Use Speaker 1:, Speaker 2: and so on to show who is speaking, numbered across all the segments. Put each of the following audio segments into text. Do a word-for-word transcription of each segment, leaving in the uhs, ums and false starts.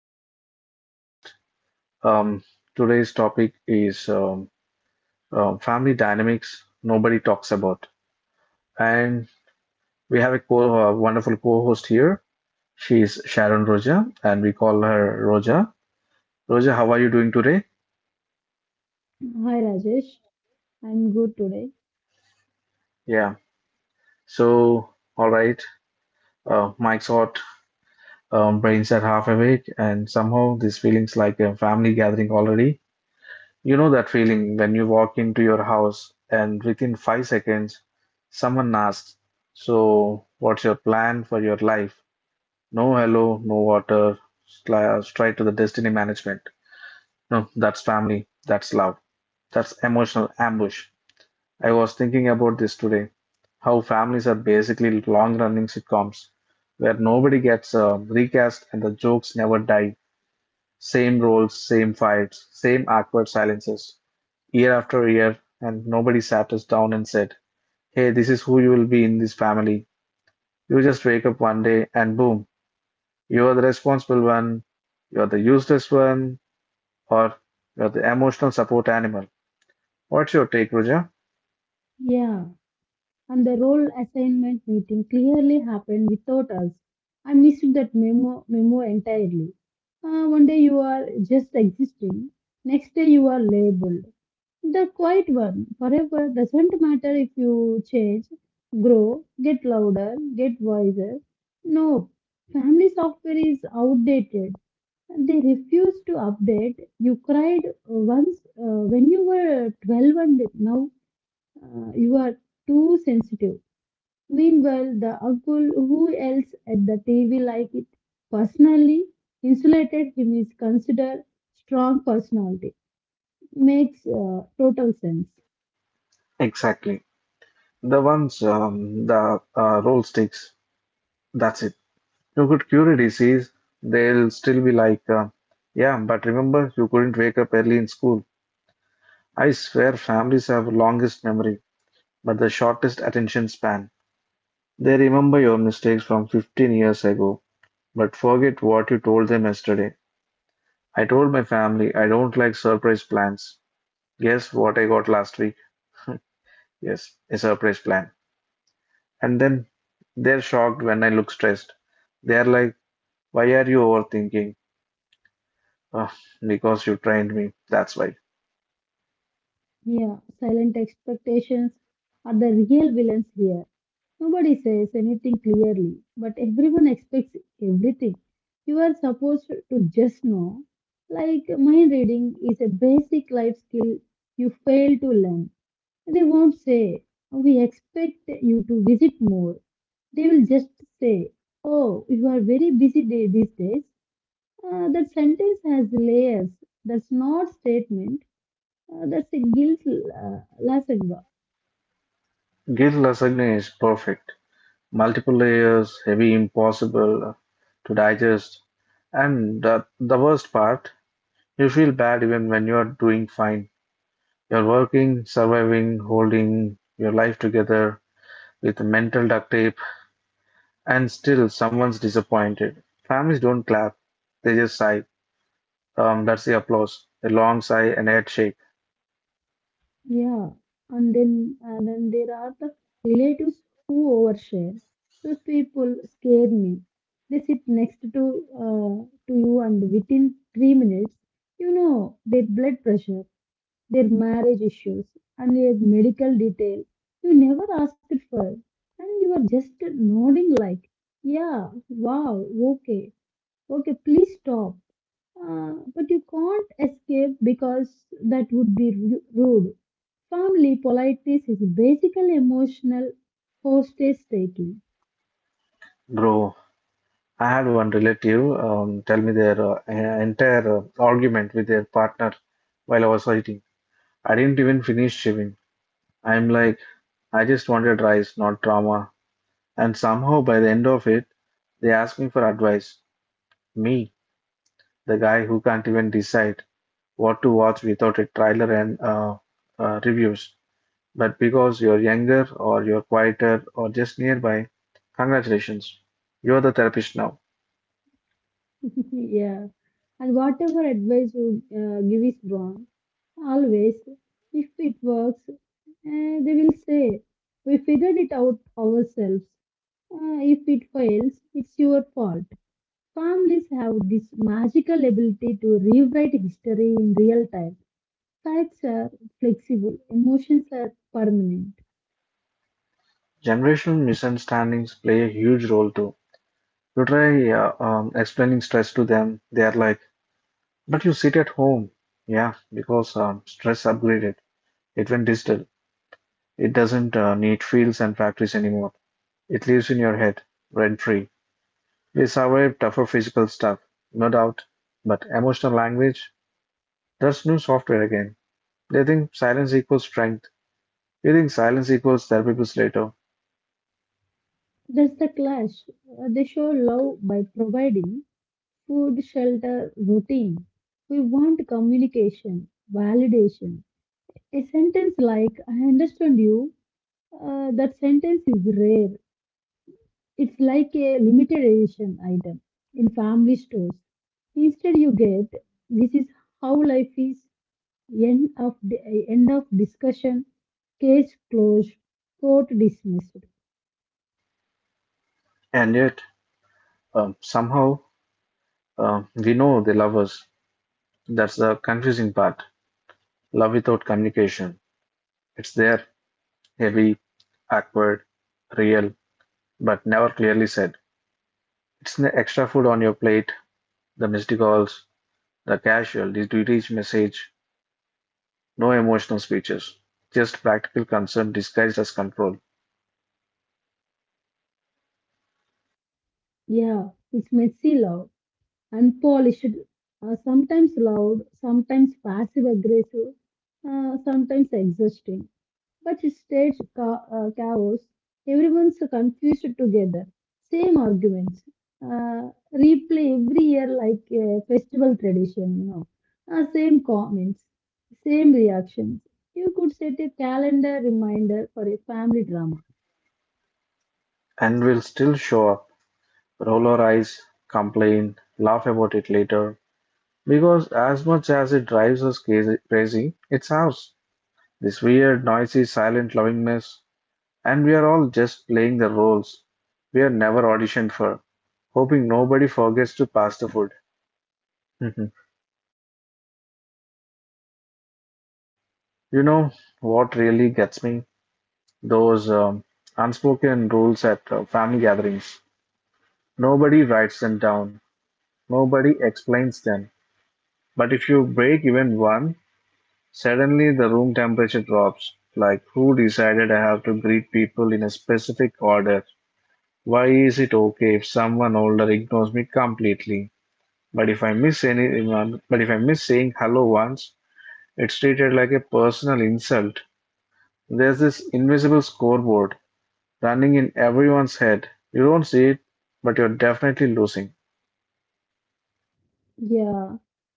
Speaker 1: to another podcast. Um, today's topic is um, um, family dynamics nobody talks about, and we have a co- uh, wonderful co-host here. She's Sharon Roja, and we call her Roja. Roja, how are you doing today?
Speaker 2: Hi Rajesh, I'm good today.
Speaker 1: Yeah. So, all right. Uh, Mike's hot, um, brains are half awake, and somehow this feeling's like a family gathering already. You know that feeling when you walk into your house and within five seconds, someone asks, so, what's your plan for your life? No hello, no water, sli- straight to the destiny management. No, that's family, that's love, that's emotional ambush. I was thinking about this today how families are basically long running sitcoms where nobody gets uh, recast and the jokes never die. Same roles, same fights, same awkward silences year after year, and nobody sat us down and said, hey, this is who you will be in this family. You just wake up one day and boom, you are the responsible one, you are the useless one, or you are the emotional support animal. What's your take, Roger?
Speaker 2: Yeah, and the role assignment meeting clearly happened without us. I missed that memo memo entirely. Uh, one day you are just existing, next day you are labeled. The quiet one forever doesn't matter if you change, grow, get louder, get wiser. No, family software is outdated and They refused to update. You cried uh, once uh, when you were twelve, and now uh, you are too sensitive. Meanwhile, the uncle who else at the T V like it personally insulated him is considered strong personality. Makes uh, total sense.
Speaker 1: Exactly. The ones, um, the uh, roll sticks, that's it. You could cure a disease, they'll still be like, uh, yeah, but remember, you couldn't wake up early in school. I swear families have longest memory, but the shortest attention span. They remember your mistakes from fifteen years ago, but forget what you told them yesterday. I told my family I don't like surprise plans. Guess what I got last week? Yes, a surprise plan. And then they're shocked when I look stressed. They're like, why are you overthinking? Ah, because you trained me, that's why.
Speaker 2: Yeah, silent expectations are the real villains here. Nobody says anything clearly, but everyone expects everything. You are supposed to just know. Like mind reading is a basic life skill you fail to learn. They won't say, "We expect you to visit more." They will just say, "Oh, you are very busy day these days." Uh, that sentence has layers. That's not statement. Uh, that's a guilt lesson.
Speaker 1: Guilt lasagna is perfect. Multiple layers, heavy, impossible to digest. And the, the worst part, you feel bad even when you are doing fine. You're working, surviving, holding your life together with mental duct tape, and still someone's disappointed. Families don't clap, they just sigh. Um, that's the applause. A long sigh and head shake.
Speaker 2: Yeah, and then and then there are the relatives who overshare. Those people scare me. They sit next to uh, to you, and within three minutes, you know their blood pressure, their marriage issues, and their medical detail. You never asked it first, and you are just nodding like, "Yeah, wow, okay, okay, please stop." Uh, but you can't escape because that would be ru- rude. Family politeness is basically emotional hostage taking.
Speaker 1: Bro, I had one relative um, tell me their uh, en- entire uh, argument with their partner while I was eating. I didn't even finish chewing. I'm like, I just wanted rice, not drama. And somehow by the end of it, they asked me for advice. Me, the guy who can't even decide what to watch without a trailer and uh, uh, reviews. But because you're younger or you're quieter or just nearby, congratulations, you're the therapist now.
Speaker 2: Yeah. And whatever advice you uh, give is wrong, always. If it works, uh, they will say, "We figured it out ourselves." Uh, if it fails, it's your fault. Families have this magical ability to rewrite history in real time. Sides are flexible, emotions are permanent.
Speaker 1: Generational misunderstandings play a huge role too. You try uh, um, explaining stress to them, they are like, but you sit at home. Yeah, because um, stress upgraded. It went digital. It doesn't uh, need fields and factories anymore. It lives in your head, rent free. They survived tougher physical stuff, no doubt, but emotional language? That's new software again. They think silence equals strength. We think silence equals therapists later.
Speaker 2: That's the clash. Uh, They show love by providing food, shelter, routine. We want communication, validation. A sentence like, "I understand you," uh, that sentence is rare. It's like a limited edition item in family stores. Instead, you get, "This is how life is," end of, end of discussion, case closed, court dismissed.
Speaker 1: And yet, um, somehow, um, we know they love us. That's the confusing part. Love without communication. It's there, heavy, awkward, real, but never clearly said. It's the extra food on your plate, the missed calls, the casual, did you reach message, no emotional speeches, just practical concern disguised as control.
Speaker 2: Yeah, it's messy, loud, unpolished, uh, sometimes loud, sometimes passive aggressive, uh, sometimes exhausting. But it states ca- uh, chaos. Everyone's confused together. Same arguments. Uh, replay every year like a festival tradition, you know. Uh, same comments, same reactions. You could set a calendar reminder for a family drama.
Speaker 1: And we'll still show up, roll our eyes, complain, laugh about it later. Because as much as it drives us crazy, crazy, it's ours. This weird, noisy, silent loving mess. And we are all just playing the roles we are never auditioned for, hoping nobody forgets to pass the food. Mhm. You know what really gets me? Those um, unspoken rules at uh, family gatherings. Nobody writes them down, nobody explains them, but if you break even one, suddenly the room temperature drops. Like, who decided I have to greet people in a specific order? Why is it okay if someone older ignores me completely? But if I miss anyone, but if I miss saying hello once, it's treated like a personal insult. There's this invisible scoreboard running in everyone's head. You don't see it, but you're definitely losing.
Speaker 2: Yeah,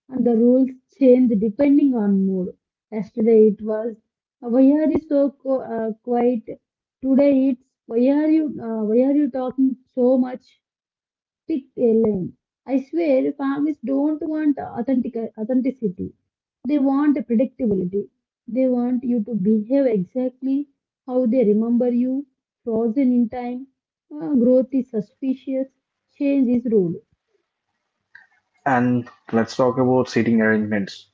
Speaker 2: and the rules change depending on mood. Yesterday it was, "Uh, why are you so co- uh, quiet?" Today it's, "Why are you uh, why are you talking so much?" Pick a lane. I swear, families don't want authentic authenticity. They want predictability. They want you to behave exactly how they remember you, frozen in time. Uh, growth is suspicious. Change is rude.
Speaker 1: And let's talk about seating arrangements.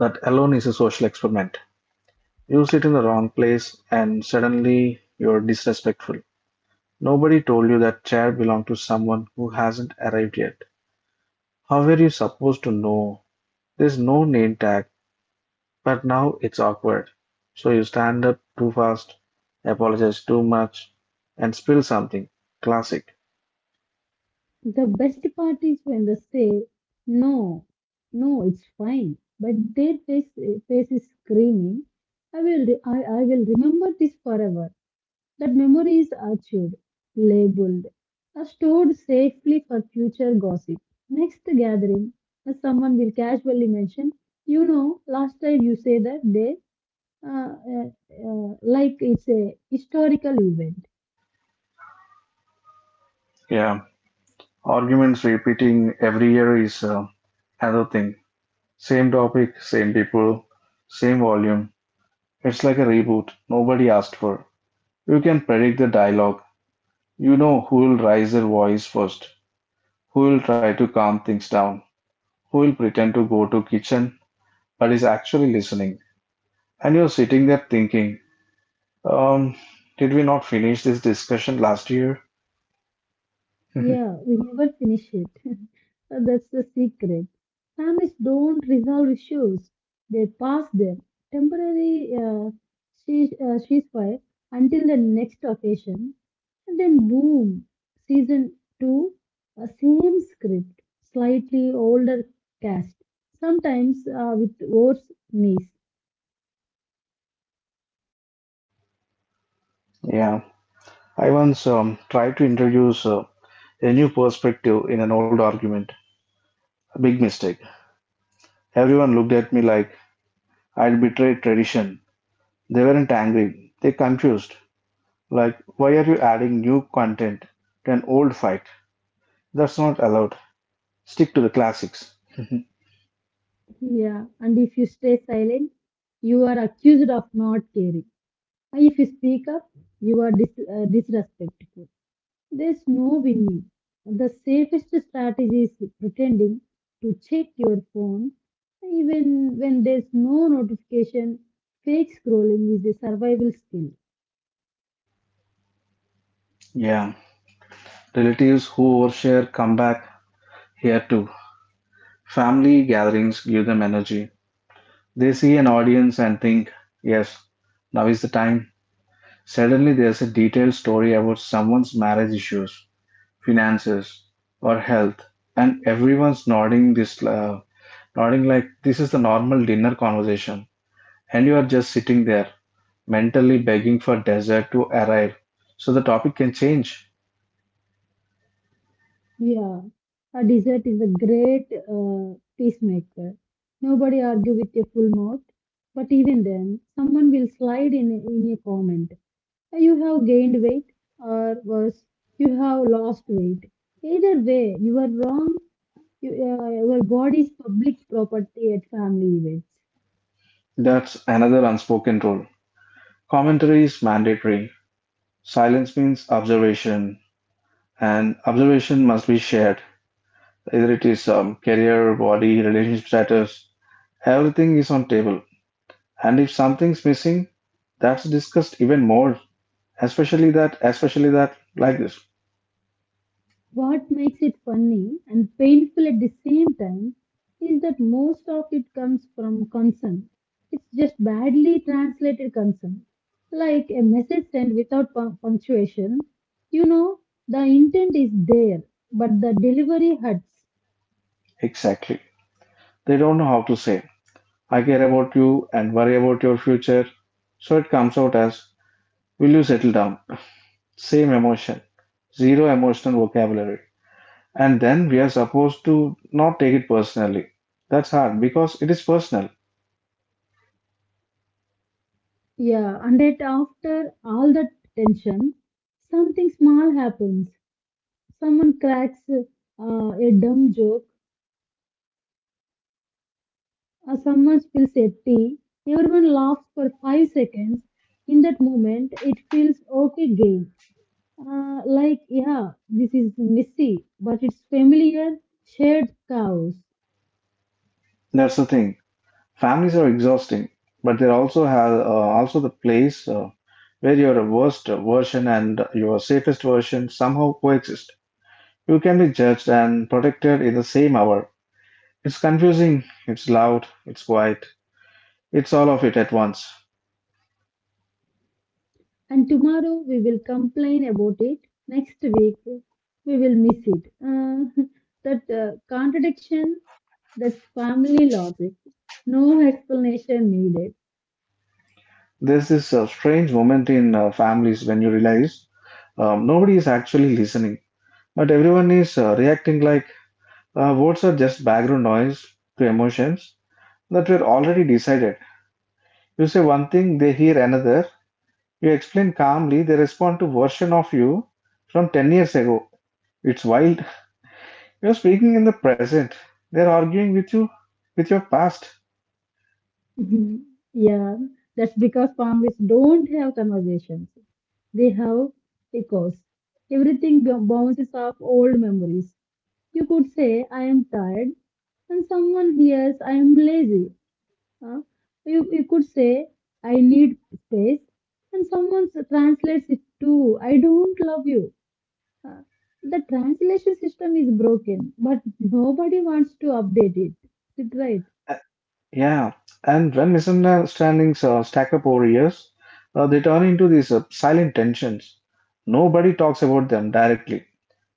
Speaker 1: That alone is a social experiment. You sit in the wrong place and suddenly you're disrespectful. Nobody told you that chair belonged to someone who hasn't arrived yet. How were you supposed to know? There's no name tag, but now it's awkward. So you stand up too fast, apologize too much, and spill something. Classic.
Speaker 2: The best part is when they say, "No, no, it's fine." But their face, face is screaming, "I will, re- I, I will remember this forever." That memory is archived, labeled, are stored safely for future gossip. Next gathering, uh, someone will casually mention, "You know, last time you say that day," uh, uh, uh, like it's a historical event.
Speaker 1: Yeah, arguments repeating every year is uh, another thing. Same topic, same people, same volume. It's like a reboot nobody asked for. You can predict the dialogue. You know who will raise their voice first, who will try to calm things down, who will pretend to go to kitchen but is actually listening. And you're sitting there thinking, um, did we not finish this discussion last year?
Speaker 2: Yeah, we never finish it. That's the secret. Families don't resolve issues, they pass them. Temporary uh, cease- uh, ceasefire until the next occasion, and then boom, season two, uh, same script, slightly older cast, sometimes uh, with worse knees.
Speaker 1: Yeah, I once um, tried to introduce uh, a new perspective in an old argument. A big mistake. Everyone looked at me like I'd betrayed tradition. They weren't angry, they confused. Like, why are you adding new content to an old fight? That's not allowed. Stick to the classics.
Speaker 2: Yeah, and if you stay silent, you are accused of not caring. If you speak up, you are dis- uh, disrespectful. There's no winning. The safest strategy is pretending to check your phone even when there's no notification. Fake scrolling is a survival skill.
Speaker 1: Yeah. Relatives who overshare come back here too. Family gatherings give them energy. They see an audience and think, yes, now is the time. Suddenly there's a detailed story about someone's marriage issues, finances, or health, and everyone's nodding this uh, nodding like this is the normal dinner conversation. And you are just sitting there mentally begging for desert to arrive so the topic can change.
Speaker 2: Yeah, a dessert is a great uh, peacemaker. Nobody argue with a full mouth, but even then, someone will slide in a, in a comment. You have gained weight, or worse, you have lost weight. Either way, you are wrong. You, uh, your body is public property at family events.
Speaker 1: That's another unspoken rule. Commentary is mandatory. Silence means observation, and observation must be shared. Either it is um, career, body, relationship status, everything is on table. And if something's missing, that's discussed even more. Especially that, especially that, like this.
Speaker 2: What makes it funny and painful at the same time is that most of it comes from concern. It's just badly translated concern, like a message sent without pun- punctuation. You know, the intent is there, but the delivery hurts.
Speaker 1: Exactly. They don't know how to say. I care about you and worry about your future. So it comes out as, will you settle down? Same emotion, zero emotional vocabulary. And then we are supposed to not take it personally. That's hard because it is personal.
Speaker 2: Yeah, and yet after all that tension, something small happens. Someone cracks uh, a dumb joke, or someone spills a tea. Everyone laughs for five seconds. In that moment, it feels okay again. Uh, like, yeah, this is messy, but it's familiar, shared chaos.
Speaker 1: That's the thing. Families are exhausting, but they also have uh, also the place uh, where your worst version and your safest version somehow coexist. You can be judged and protected in the same hour. It's confusing, it's loud, it's quiet, it's all of it at once.
Speaker 2: And tomorrow we will complain about it. Next week we will miss it. Uh, that uh, contradiction, that's family logic. No explanation needed.
Speaker 1: There's this uh, strange moment in uh, families when you realize um, nobody is actually listening, but everyone is uh, reacting like uh, words are just background noise to emotions that were already decided. You say one thing, they hear another. You explain calmly, they respond to version of you from ten years ago. It's wild. You're speaking in the present. They're arguing with you with your past.
Speaker 2: Mhm. Yeah, that's because families don't have conversations. They have echoes. Everything b- bounces off old memories. You could say, "I am tired," and someone hears, "I am lazy." Huh? You, you could say, "I need space," and someone s- translates it to, "I don't love you." Uh, the translation system is broken, but nobody wants to update it. Is it right?
Speaker 1: Yeah, and when misunderstandings uh, stack up over years, uh, they turn into these uh, silent tensions. Nobody talks about them directly.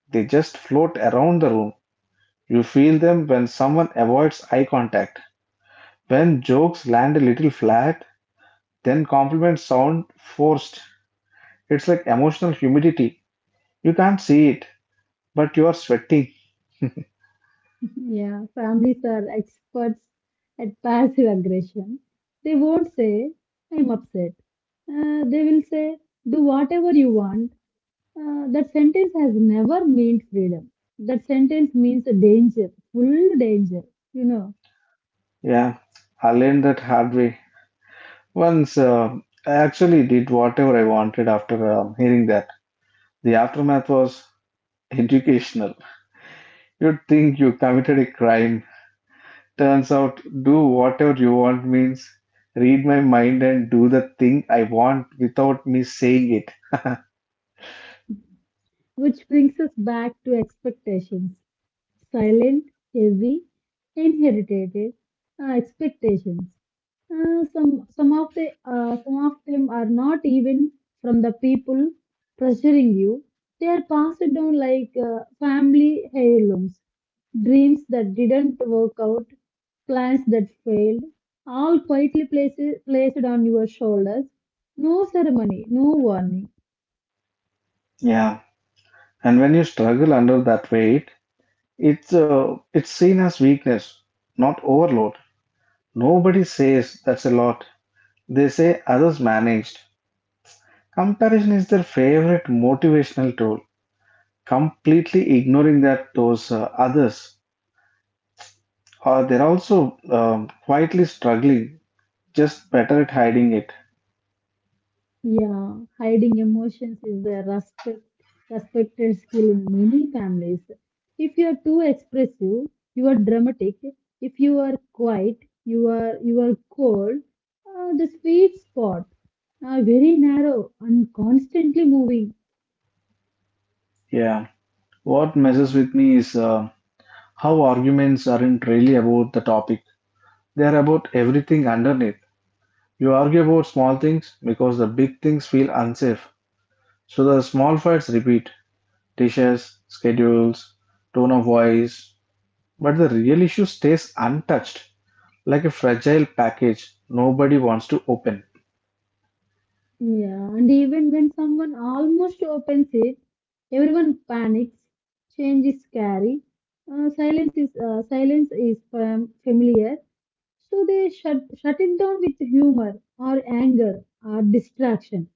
Speaker 1: They just float around the room. You feel them when someone avoids eye contact, when jokes land a little flat, then compliments sound forced. It's like emotional humidity. You can't see it, but you are sweating.
Speaker 2: Yeah, families are experts at passive aggression. They won't say, "I'm upset." Uh, they will say, "Do whatever you want." Uh, that sentence has never meant freedom. That sentence means a danger, full danger, you know,
Speaker 1: Yeah, I learned that hard way. Once uh, I actually did whatever I wanted after um hearing that. The aftermath was educational. You'd think you committed a crime. Turns out, do whatever you want means read my mind and do the thing I want without me saying it.
Speaker 2: which brings us back to expectations. Silent, heavy, inherited uh, expectations. Uh, some some of the uh, some of them are not even from the people pressuring you. They are passed down like uh, family heirlooms, dreams that didn't work out, plans that failed, all quietly placed placed on your shoulders. No ceremony, no warning.
Speaker 1: Yeah. And when you struggle under that weight, it's uh, it's seen as weakness, not overload. Nobody says that's a lot. They say others managed. Comparison is their favorite motivational tool, completely ignoring that those uh, others Uh, they're also um, quietly struggling, just better at hiding it.
Speaker 2: Yeah, hiding emotions is a respect, respected skill in many families. If you are too expressive, you are dramatic. If you are quiet, you are you are cold. Uh, the sweet spot, uh, very narrow and constantly moving.
Speaker 1: Yeah. What messes with me is uh, how arguments aren't really about the topic, they're about everything underneath. You argue about small things because the big things feel unsafe. So the small fights repeat dishes, schedules, tone of voice. But the real issue stays untouched, like a fragile package nobody wants to open.
Speaker 2: Yeah, and even when someone almost opens it, everyone panics. Change is scary. Uh, silence is uh, silence is fam- familiar. So they shut, shut it down with humor or anger or distraction.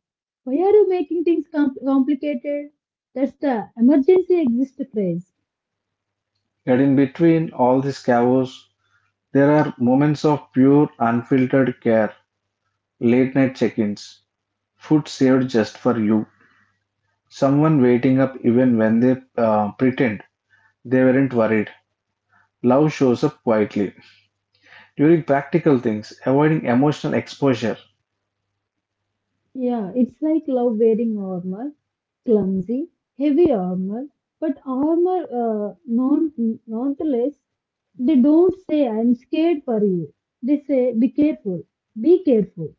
Speaker 2: Why are you making things com- complicated? That's the emergency exist phrase.
Speaker 1: Yet in between all this chaos, there are moments of pure, unfiltered care, late night check ins, food saved just for you, someone waiting up even when they uh, pretend they weren't worried. Love shows up quietly during practical things, avoiding emotional exposure.
Speaker 2: Yeah, it's like love wearing armor, clumsy, heavy armor, but armor uh, non nonetheless. They don't say, "I'm scared for you." They say, "Be careful, be careful."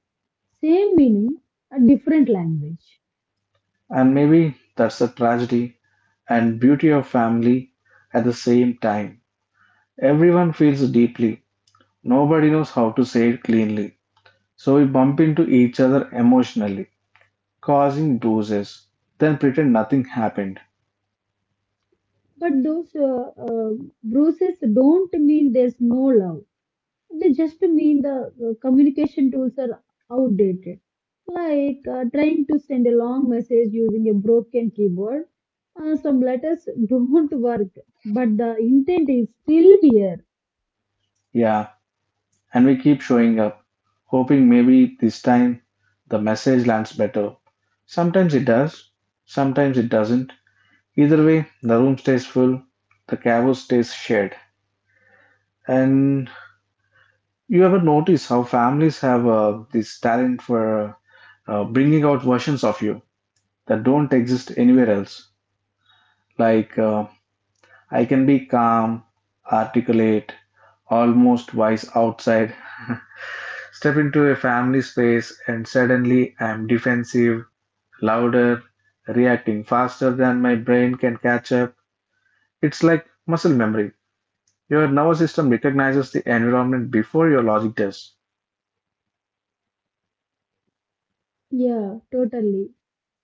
Speaker 2: Same meaning, a different language.
Speaker 1: And maybe that's the tragedy and beauty of family at the same time. Everyone feels deeply, nobody knows how to say it cleanly. So we bump into each other emotionally. Causing doses, then pretend nothing happened.
Speaker 2: But those uh, uh, bruises don't mean there's no love. They just mean the uh, communication tools are outdated. Like uh, trying to send a long message using a broken keyboard. Uh, some letters don't work, but the intent is still there.
Speaker 1: Yeah, and we keep showing up, hoping maybe this time the message lands better. Sometimes it does, sometimes it doesn't. Either way, the room stays full, the chaos stays shared. And you ever notice how families have uh, this talent for uh, bringing out versions of you that don't exist anywhere else? Like, uh, I can be calm, articulate, almost wise outside. Step into a family space and suddenly I'm defensive, louder, reacting faster than my brain can catch up. It's like muscle memory. Your nervous system recognizes the environment before your logic does.
Speaker 2: Yeah, totally.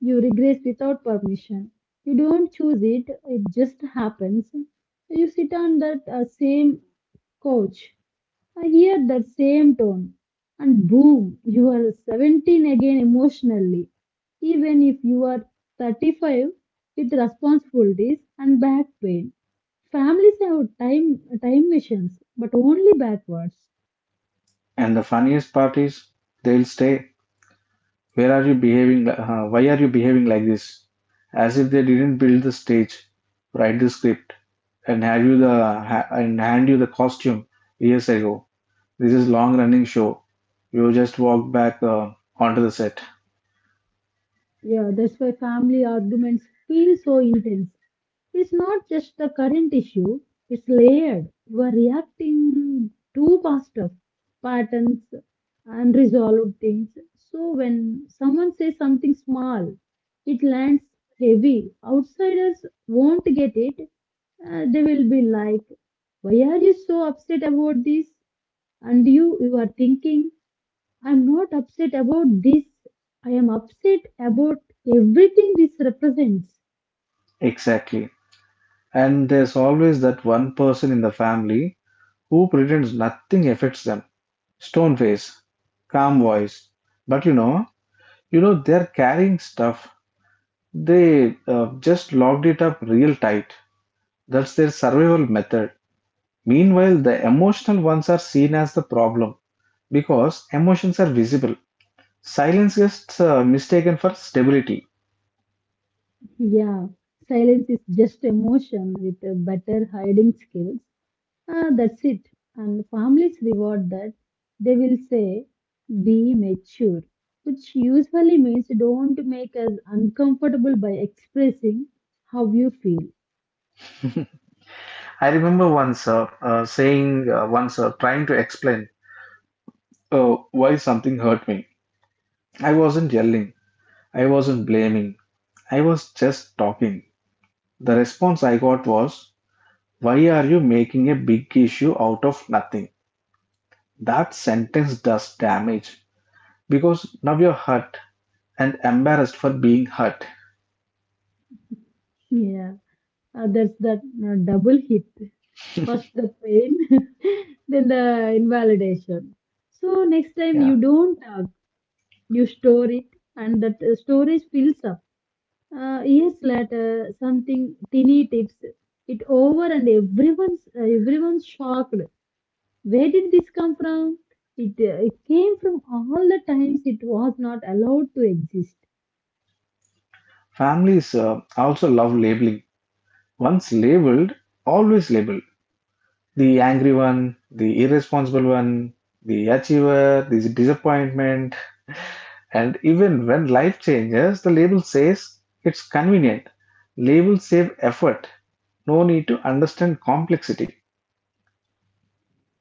Speaker 2: You regress without permission. You don't choose it, it just happens. You sit on that uh, same couch, I hear that same tone, and boom, you are seventeen again emotionally. Even if you are thirty-five with responsibilities and back pain. Families have time time missions, but only backwards.
Speaker 1: And the funniest part is, they'll stay. Where are you behaving? Li- huh, why are you behaving like this? As if they didn't build the stage, write the script, and have you the ha- and hand you the costume years ago. This is long running show. You just walk back uh, onto the set.
Speaker 2: Yeah, that's why family arguments feel so intense. It's not just the current issue, it's layered. You are reacting to past patterns, unresolved things. So when someone says something small, it lands heavy. Outsiders won't get it. Uh, they will be like, "Why are you so upset about this?" And you, you are thinking, "I'm not upset about this. I am upset about everything this represents."
Speaker 1: Exactly. And there's always that one person in the family who pretends nothing affects them. Stone face, calm voice. But you know, you know they're carrying stuff. They uh, just locked it up real tight. That's their survival method. Meanwhile, the emotional ones are seen as the problem because emotions are visible. Silence gets uh, mistaken for stability.
Speaker 2: Yeah, silence is just emotion with a better hiding skills. Ah, that's it. And families reward that. They will say, "Be mature," which usually means don't make us uncomfortable by expressing how you feel.
Speaker 1: I remember once uh, uh, saying, uh, once uh, trying to explain uh, why something hurt me. I wasn't yelling, I wasn't blaming, I was just talking. The response I got was, why are you making a big issue out of nothing? That sentence does damage because now you're hurt and embarrassed for being hurt.
Speaker 2: Yeah, ah, that's that uh, double hit. First the pain, then the invalidation. So next time
Speaker 1: Yeah.
Speaker 2: you don't talk, you store it, and that uh, storage fills up. Uh, years later, something teeny tips it over, and everyone's uh, everyone's shocked. Where did this come from? It uh, it came from all the times it was not allowed to exist.
Speaker 1: Families uh, also love labeling. Once labeled, always labeled. The angry one, the irresponsible one, the achiever, the disappointment, and even when life changes, the label says it's convenient. Labels save effort. No need to understand complexity.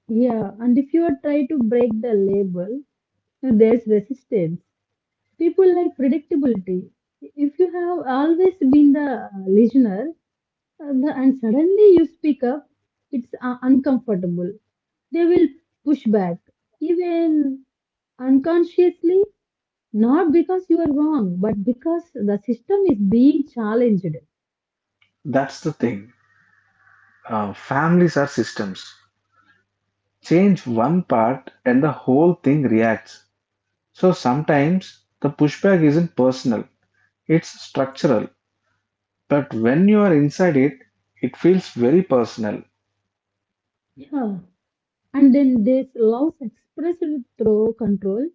Speaker 2: Yeah, and if you are try to break the label, there's resistance. People like predictability. If you have always been the uh, listener, uh, the, and suddenly you speak up, it's uh, uncomfortable. They will push back even unconsciously, not because you are wrong, but because the system is being challenged.
Speaker 1: That's the thing. Uh, families are systems. Change one part and the whole thing reacts. So sometimes the pushback isn't personal, it's structural. But when you are inside it, it feels very personal.
Speaker 2: Yeah, and then this loss expressed through control,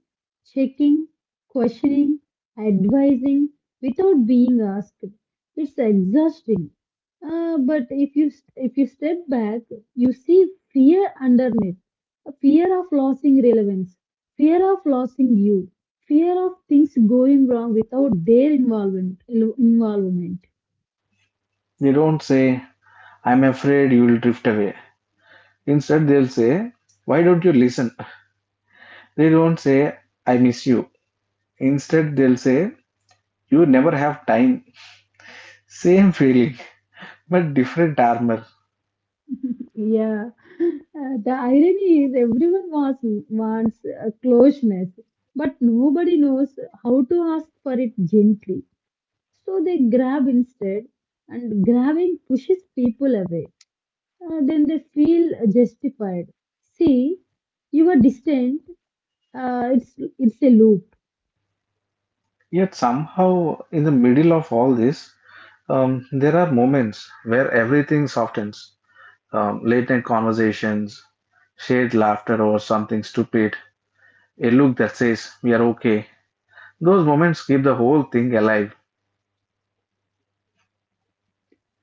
Speaker 2: checking, questioning, advising without being asked. It's exhausting. Uh, but if you if you step back, you see fear underneath. A fear of losing relevance, fear of losing you, fear of things going wrong without their involvement. involvement.
Speaker 1: They don't say, I'm afraid you will drift away. Instead, they'll say, why don't you listen? They don't say, I miss you. Instead, they'll say, you never have time. Same feeling, but different armor.
Speaker 2: Yeah. Uh, the irony is everyone wants, wants uh, closeness, but nobody knows how to ask for it gently. So they grab instead, and grabbing pushes people away. Uh, then they feel justified. See, you are distant. Uh, it's it's a loop.
Speaker 1: Yet somehow, in the middle of all this, um, there are moments where everything softens. Um, late night conversations, shared laughter over something stupid, a look that says we are okay. Those moments keep the whole thing alive.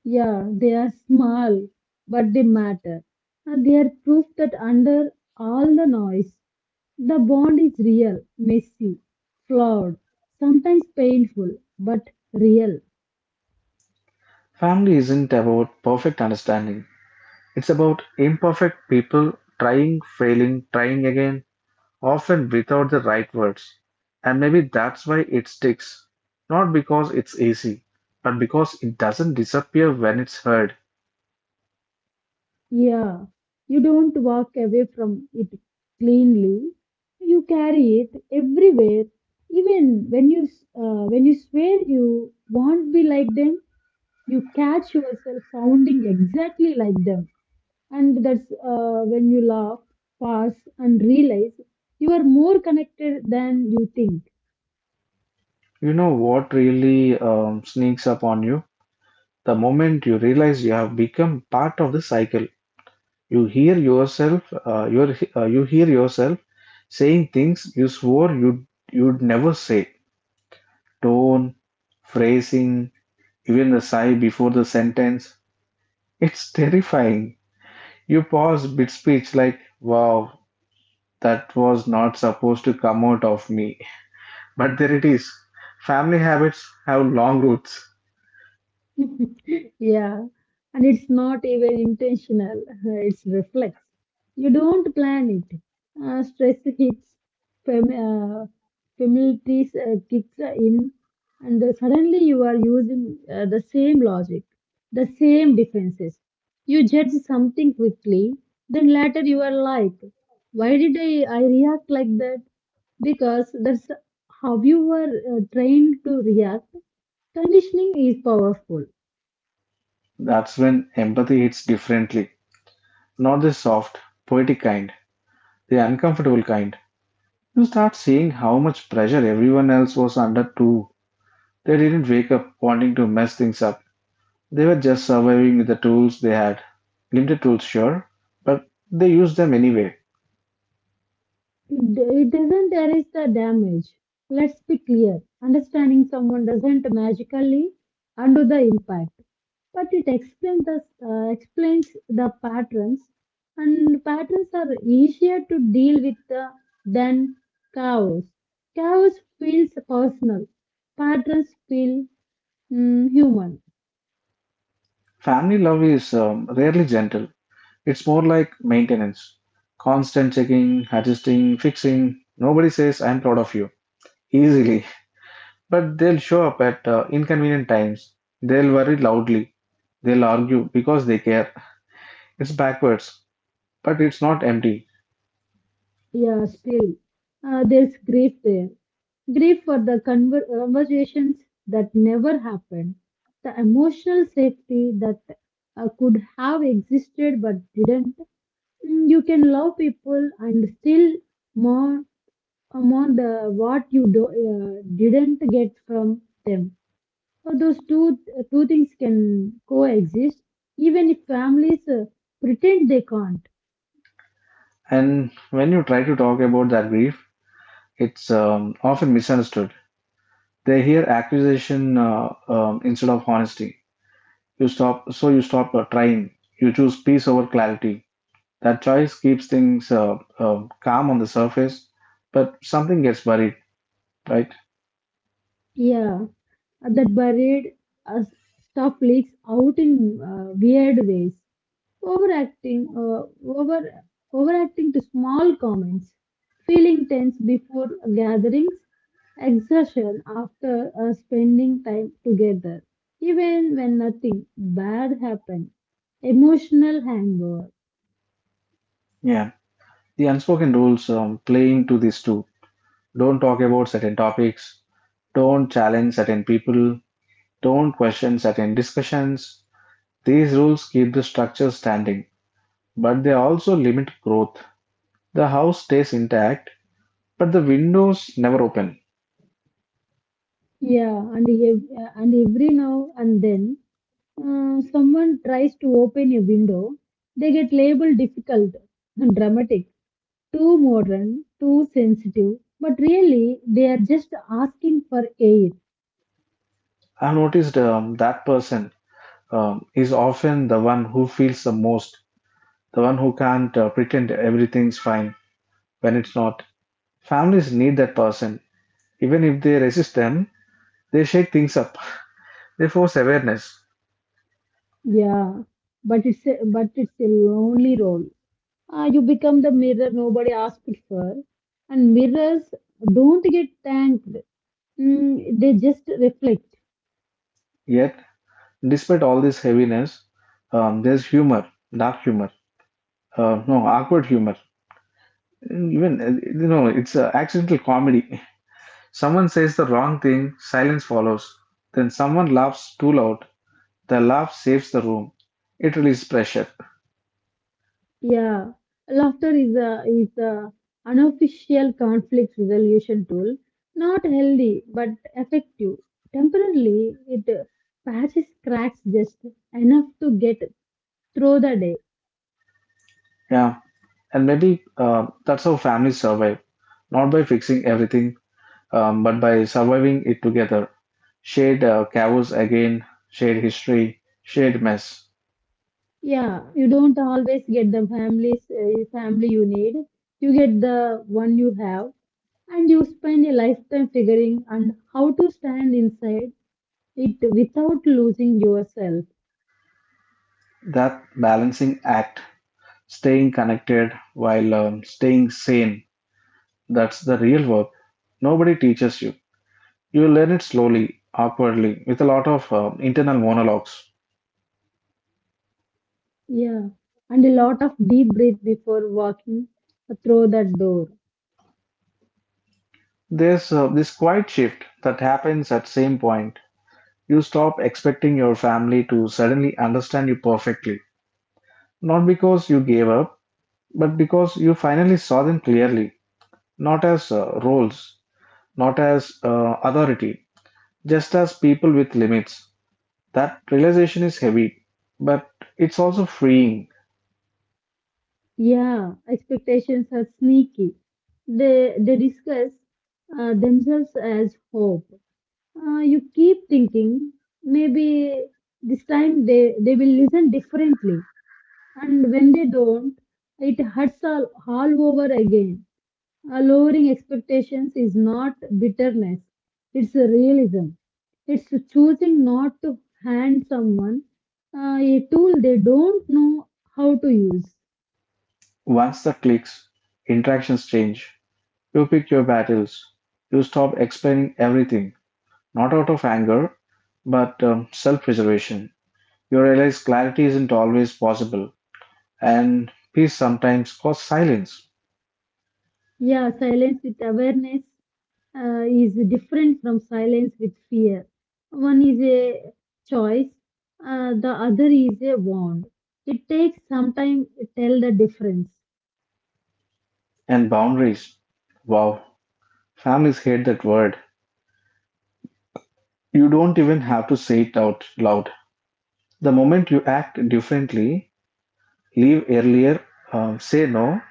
Speaker 2: Yeah, they are small, but they matter. And they are proof that under all the noise, the bond is real, messy, flawed, sometimes painful, but real.
Speaker 1: Family isn't about perfect understanding, it's about imperfect people trying, failing, trying again, often without the right words. And maybe that's why it sticks. Not because it's easy, but because it doesn't disappear when it's heard.
Speaker 2: Yeah, you don't walk away from it cleanly. You carry it everywhere, even when you uh, when you swear you won't be like them. You catch yourself sounding exactly like them. And that's uh, when you laugh, pause, and realize you are more connected than you think.
Speaker 1: You know what really um, sneaks up on you? The moment you realize you have become part of the cycle, you hear yourself, uh, your, uh, you hear yourself saying things you swore you'd, you'd never say. Tone, phrasing, even the sigh before the sentence. It's terrifying. You pause mid speech like, wow, that was not supposed to come out of me. But there it is. Family habits have long roots.
Speaker 2: Yeah, and it's not even intentional, it's reflex. You don't plan it. Uh, stress hits, fam- uh, familiarity uh, kicks in, and then suddenly you are using uh, the same logic, the same defenses. You judge something quickly, then later you are like, why did I, I react like that? Because that's how you were uh, trained to react. Conditioning is powerful.
Speaker 1: That's when empathy hits differently, not the soft, poetic kind. The uncomfortable kind. You start seeing how much pressure everyone else was under too. They didn't wake up wanting to mess things up. They were just surviving with the tools they had. Limited tools, sure, but they used them anyway.
Speaker 2: It doesn't erase the damage. Let's be clear. Understanding someone doesn't magically undo the impact, but it explains the, uh, explains the patterns, and patterns are easier to deal with uh, than chaos. Chaos feels personal. Patterns feel mm, human.
Speaker 1: Family love is um, rarely gentle. It's more like maintenance. Constant checking, adjusting, fixing. Nobody says, I'm proud of you. Easily. But they'll show up at uh, inconvenient times. They'll worry loudly. They'll argue because they care. It's backwards, but it's not empty.
Speaker 2: Yeah, still, uh, there's grief there. Grief for the conver- conversations that never happened, the emotional safety that uh, could have existed but didn't. Mm, You can love people and still mourn, uh, mourn the what you do, uh, didn't get from them. So those two two things can coexist, even if families uh, pretend they can't.
Speaker 1: And when you try to talk about that grief, it's um, often misunderstood. They hear accusation uh, um, instead of honesty. You stop, so you stop uh, trying. You choose peace over clarity. That choice keeps things uh, uh, calm on the surface, but something gets buried, right?
Speaker 2: Yeah, uh, that buried uh, stuff leaks out in uh, weird ways. Overacting, uh, over overacting to small comments, feeling tense before gatherings, exertion after uh, spending time together, even when nothing bad happened, emotional hangover.
Speaker 1: Yeah. The unspoken rules um, play into this too. Don't talk about certain topics. Don't challenge certain people. Don't question certain discussions. These rules keep the structure standing, but they also limit growth. The house stays intact, but the windows never open.
Speaker 2: Yeah, and ev- uh, and every now and then Uh, someone tries to open a window, they get labeled difficult, dramatic, too modern, too sensitive, but really they are just asking for air.
Speaker 1: I've noticed um, that person um, is often the one who feels the most, the one who can't uh, pretend everything's fine when it's not. Families need that person. Even if they resist them, they shake things up, they force awareness.
Speaker 2: Yeah, but it's a, but it's a lonely role. Uh, you become the mirror nobody asked for, and mirrors don't get thanked. Mm, they just reflect.
Speaker 1: Yet, despite all this heaviness, um, there's humor, dark humor, uh, no, awkward humor, Mm, even, uh, you know, it's a accidental comedy. Someone says the wrong thing, silence follows. Then someone laughs too loud. The laugh saves the room. It releases pressure.
Speaker 2: Yeah, laughter is a is the unofficial conflict resolution tool. Not healthy, but effective. Temporarily, it uh, patches cracks just enough to get through the day.
Speaker 1: Yeah. And maybe uh, that's how families survive. Not by fixing everything, um, but by surviving it together. Shared uh, chaos again, shared history, shared mess.
Speaker 2: Yeah, you don't always get the family's uh, family you need. You get the one you have, and you spend a lifetime figuring and how to stand inside it without losing yourself.
Speaker 1: That balancing act, staying connected while um, staying sane, that's the real work. Nobody teaches you. You learn it slowly, awkwardly, with a lot of uh, internal monologues.
Speaker 2: Yeah, and a lot of deep breath before walking through that door.
Speaker 1: There's uh, this quiet shift that happens at same point. You stop expecting your family to suddenly understand you perfectly, not because you gave up, but because you finally saw them clearly, not as uh, roles, not as uh, authority, just as people with limits. That realization is heavy, but it's also freeing.
Speaker 2: Yeah, expectations are sneaky. They they discuss uh, themselves as hope. Uh, you keep thinking maybe this time they they will listen differently, and when they don't, it hurts all all over again. Uh, lowering expectations is not bitterness, it's realism. It's choosing not to hand someone uh, a tool they don't know how to use.
Speaker 1: Once that clicks, interactions change. You pick your battles. You stop explaining everything, not out of anger, but um, self preservation. You realize clarity isn't always possible, and peace sometimes costs silence
Speaker 2: Yeah, silence with awareness uh, is different from silence with fear. One is a choice, uh, the other is a wand. It takes some time to tell the difference.
Speaker 1: and boundaries. Wow, families hate that word. You don't even have to say it out loud. The moment you act differently, leave earlier, um, say no,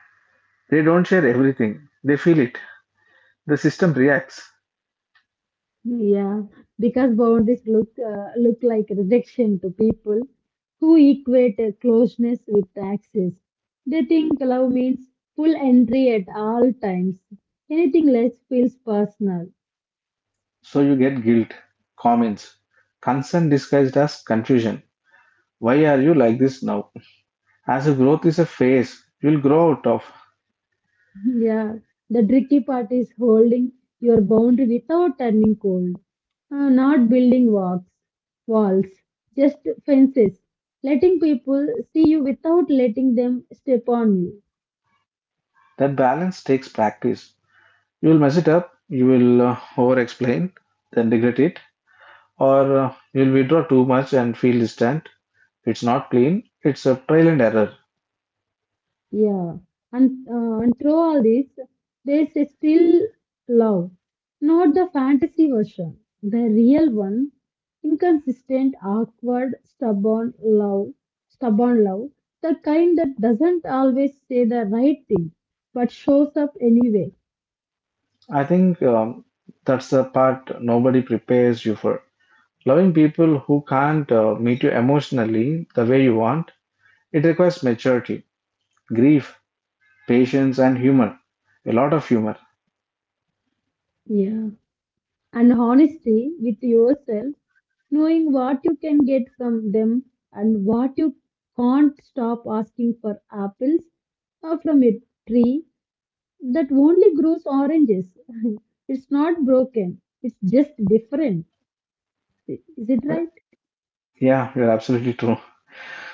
Speaker 1: they don't share everything. They feel it. The system reacts.
Speaker 2: Yeah, because boundaries look uh, look like rejection to people who equate uh, closeness with access. They think love means full entry at all times. Anything less feels personal.
Speaker 1: So you get guilt, comments, concern disguised as confusion. Why are you like this now? As if growth is a phase you'll grow out of.
Speaker 2: Yeah, the tricky part is holding your boundary without turning cold. Uh, not building walls, walls, just fences. Letting people see you without letting them step on you.
Speaker 1: That balance takes practice. You'll mess it up, you will uh, over explain, then regret it, or uh, you'll withdraw too much and feel distant. It's not clean, it's a trial and error.
Speaker 2: Yeah, and uh, and through all this, there's a still love, not the fantasy version, the real one, inconsistent, awkward, stubborn love, stubborn love, the kind that doesn't always say the right thing, but shows up anyway.
Speaker 1: I think um, that's the part nobody prepares you for. Loving people who can't uh, meet you emotionally the way you want, it requires maturity, grief, patience, and humor. A lot of humor.
Speaker 2: Yeah, and honesty with yourself, knowing what you can get from them and what you can't stop asking for apples uh, from a tree that only grows oranges. It's not broken. It's just different. Is it right?
Speaker 1: Yeah, you're absolutely true.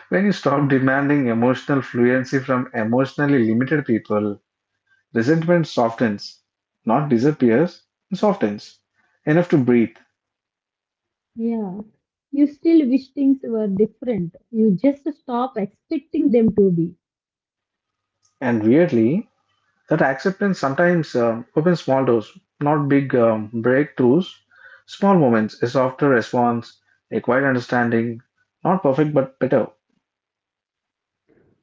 Speaker 1: When you stop demanding emotional fluency from emotionally limited people, resentment softens, not disappears, it softens enough to breathe.
Speaker 2: Yeah. You still wish things were different. You just stop expecting them to be.
Speaker 1: And weirdly, that acceptance sometimes um, opens small doors, not big um, breakthroughs, small moments, a softer response, a quiet understanding, not perfect but better.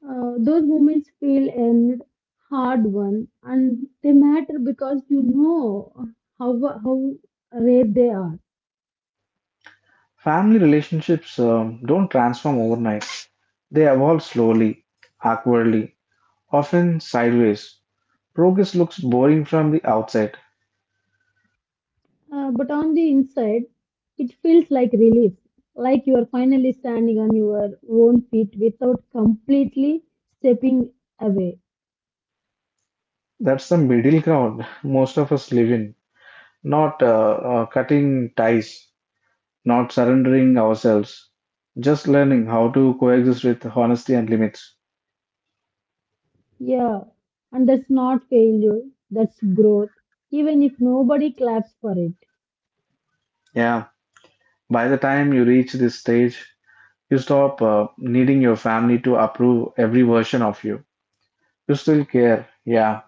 Speaker 2: Uh, those moments feel and hard one, and they matter because you know how how rare they are.
Speaker 1: Family relationships um, don't transform overnight. They evolve slowly, awkwardly, often sideways. Progress looks boring from the outside.
Speaker 2: Uh, but on the inside, it feels like relief, like you are finally standing on your own feet without completely stepping away.
Speaker 1: That's the middle ground most of us live in. Not uh, uh, cutting ties, not surrendering ourselves, just learning how to coexist with honesty and limits.
Speaker 2: Yeah, and that's not failure, that's growth, even if nobody claps for it.
Speaker 1: Yeah, by the time you reach this stage, you stop uh, needing your family to approve every version of you. You still care, yeah,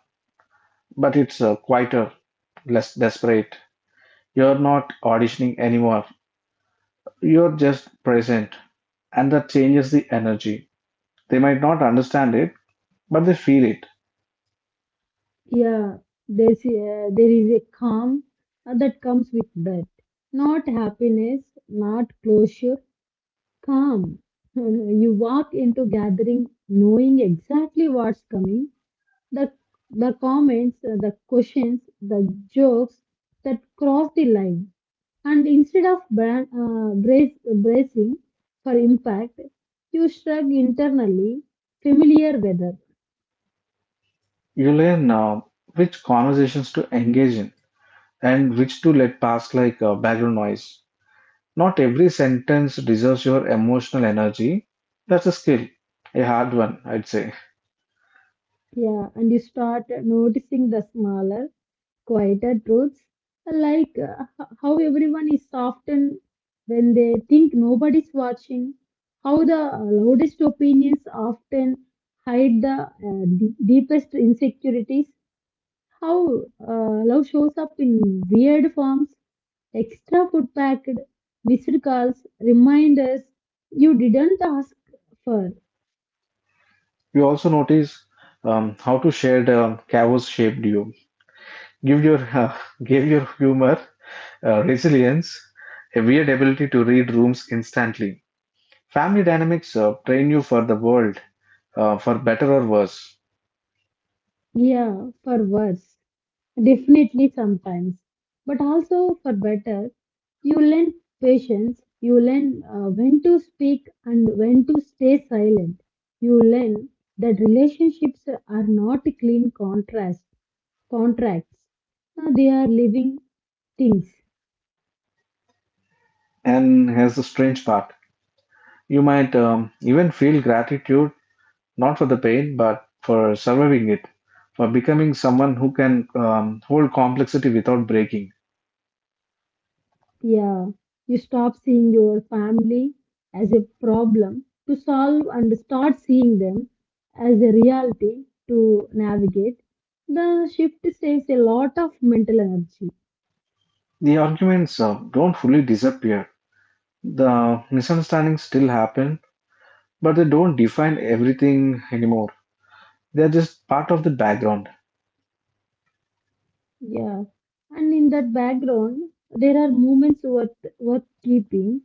Speaker 1: but it's uh, quieter, less desperate. You're not auditioning anymore, you're just present, and that changes the energy. They might not understand it, but they feel it.
Speaker 2: Yeah, there's, uh, there is a calm uh, that comes with that. Not happiness, not closure, calm. You walk into gathering knowing exactly what's coming. The the comments, uh, the questions, the jokes that cross the line. And instead of bra- uh, brace, bracing for impact, you shrug internally, familiar weather.
Speaker 1: You learn uh, which conversations to engage in and which to let pass like uh, background noise. Not every sentence deserves your emotional energy. That's a skill, a hard one, I'd say.
Speaker 2: Yeah, and you start noticing the smaller, quieter truths, like uh, h- how everyone is softened when they think nobody's watching, how the loudest opinions often hide the uh, d- deepest insecurities, how uh, love shows up in weird forms, extra food packed, missed calls, reminders you didn't ask for.
Speaker 1: You also notice um, how to share the chaos shaped you. Give your give your humor, Uh, resilience, a weird ability to read rooms instantly. Family dynamics uh, train you for the world, uh, for better or worse.
Speaker 2: Yeah, for worse. Definitely sometimes. But also for better, you learn patience, you learn uh, when to speak and when to stay silent. You learn that relationships are not clean contrast, contracts. Uh, they are living things.
Speaker 1: And here's the strange part, you might um, even feel gratitude, not for the pain, but for surviving it, for becoming someone who can um, hold complexity without breaking.
Speaker 2: Yeah, you stop seeing your family as a problem to solve and start seeing them as a reality to navigate. The shift saves a lot of mental energy.
Speaker 1: The arguments uh, don't fully disappear, the misunderstandings still happen, but they don't define everything anymore. They are just part of the background.
Speaker 2: Yeah, and in that background, there are moments worth, worth keeping,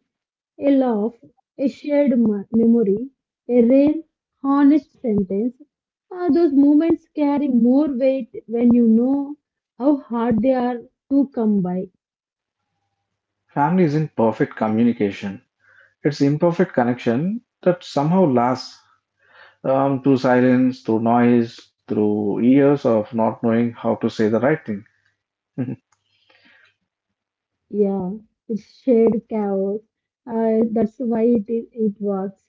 Speaker 2: a laugh, a shared mo- memory, a rare, honest sentence. Uh, those moments carry more weight when you know how hard they are to come by.
Speaker 1: Family isn't perfect communication. It's imperfect connection that somehow lasts um, through silence, through noise, through years of not knowing how to say the right thing.
Speaker 2: Yeah, it's shared chaos. Uh, that's why it is, it works.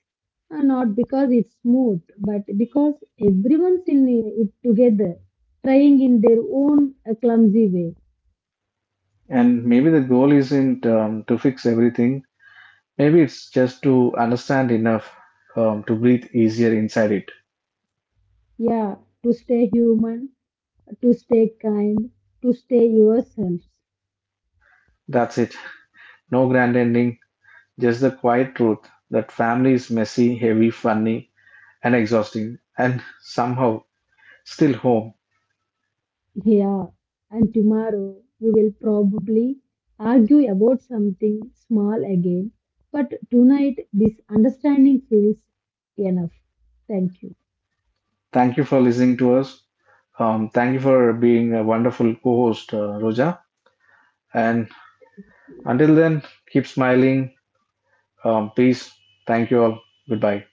Speaker 2: Uh, not because it's smooth, but because everyone's in it together, trying in their own uh, clumsy way.
Speaker 1: and maybe the goal isn't um, to fix everything. Maybe it's just to understand enough um, to breathe easier inside it.
Speaker 2: Yeah, to stay human, to stay kind, to stay yourselves.
Speaker 1: That's it. No grand ending, just the quiet truth that family is messy, heavy, funny, and exhausting, and somehow still home.
Speaker 2: Yeah, and tomorrow we will probably argue about something small again, but tonight this understanding feels enough. Thank you.
Speaker 1: Thank you for listening to us. Um, thank you for being a wonderful co-host, uh, Roja. And until then, keep smiling. Um, peace. Thank you all. Goodbye.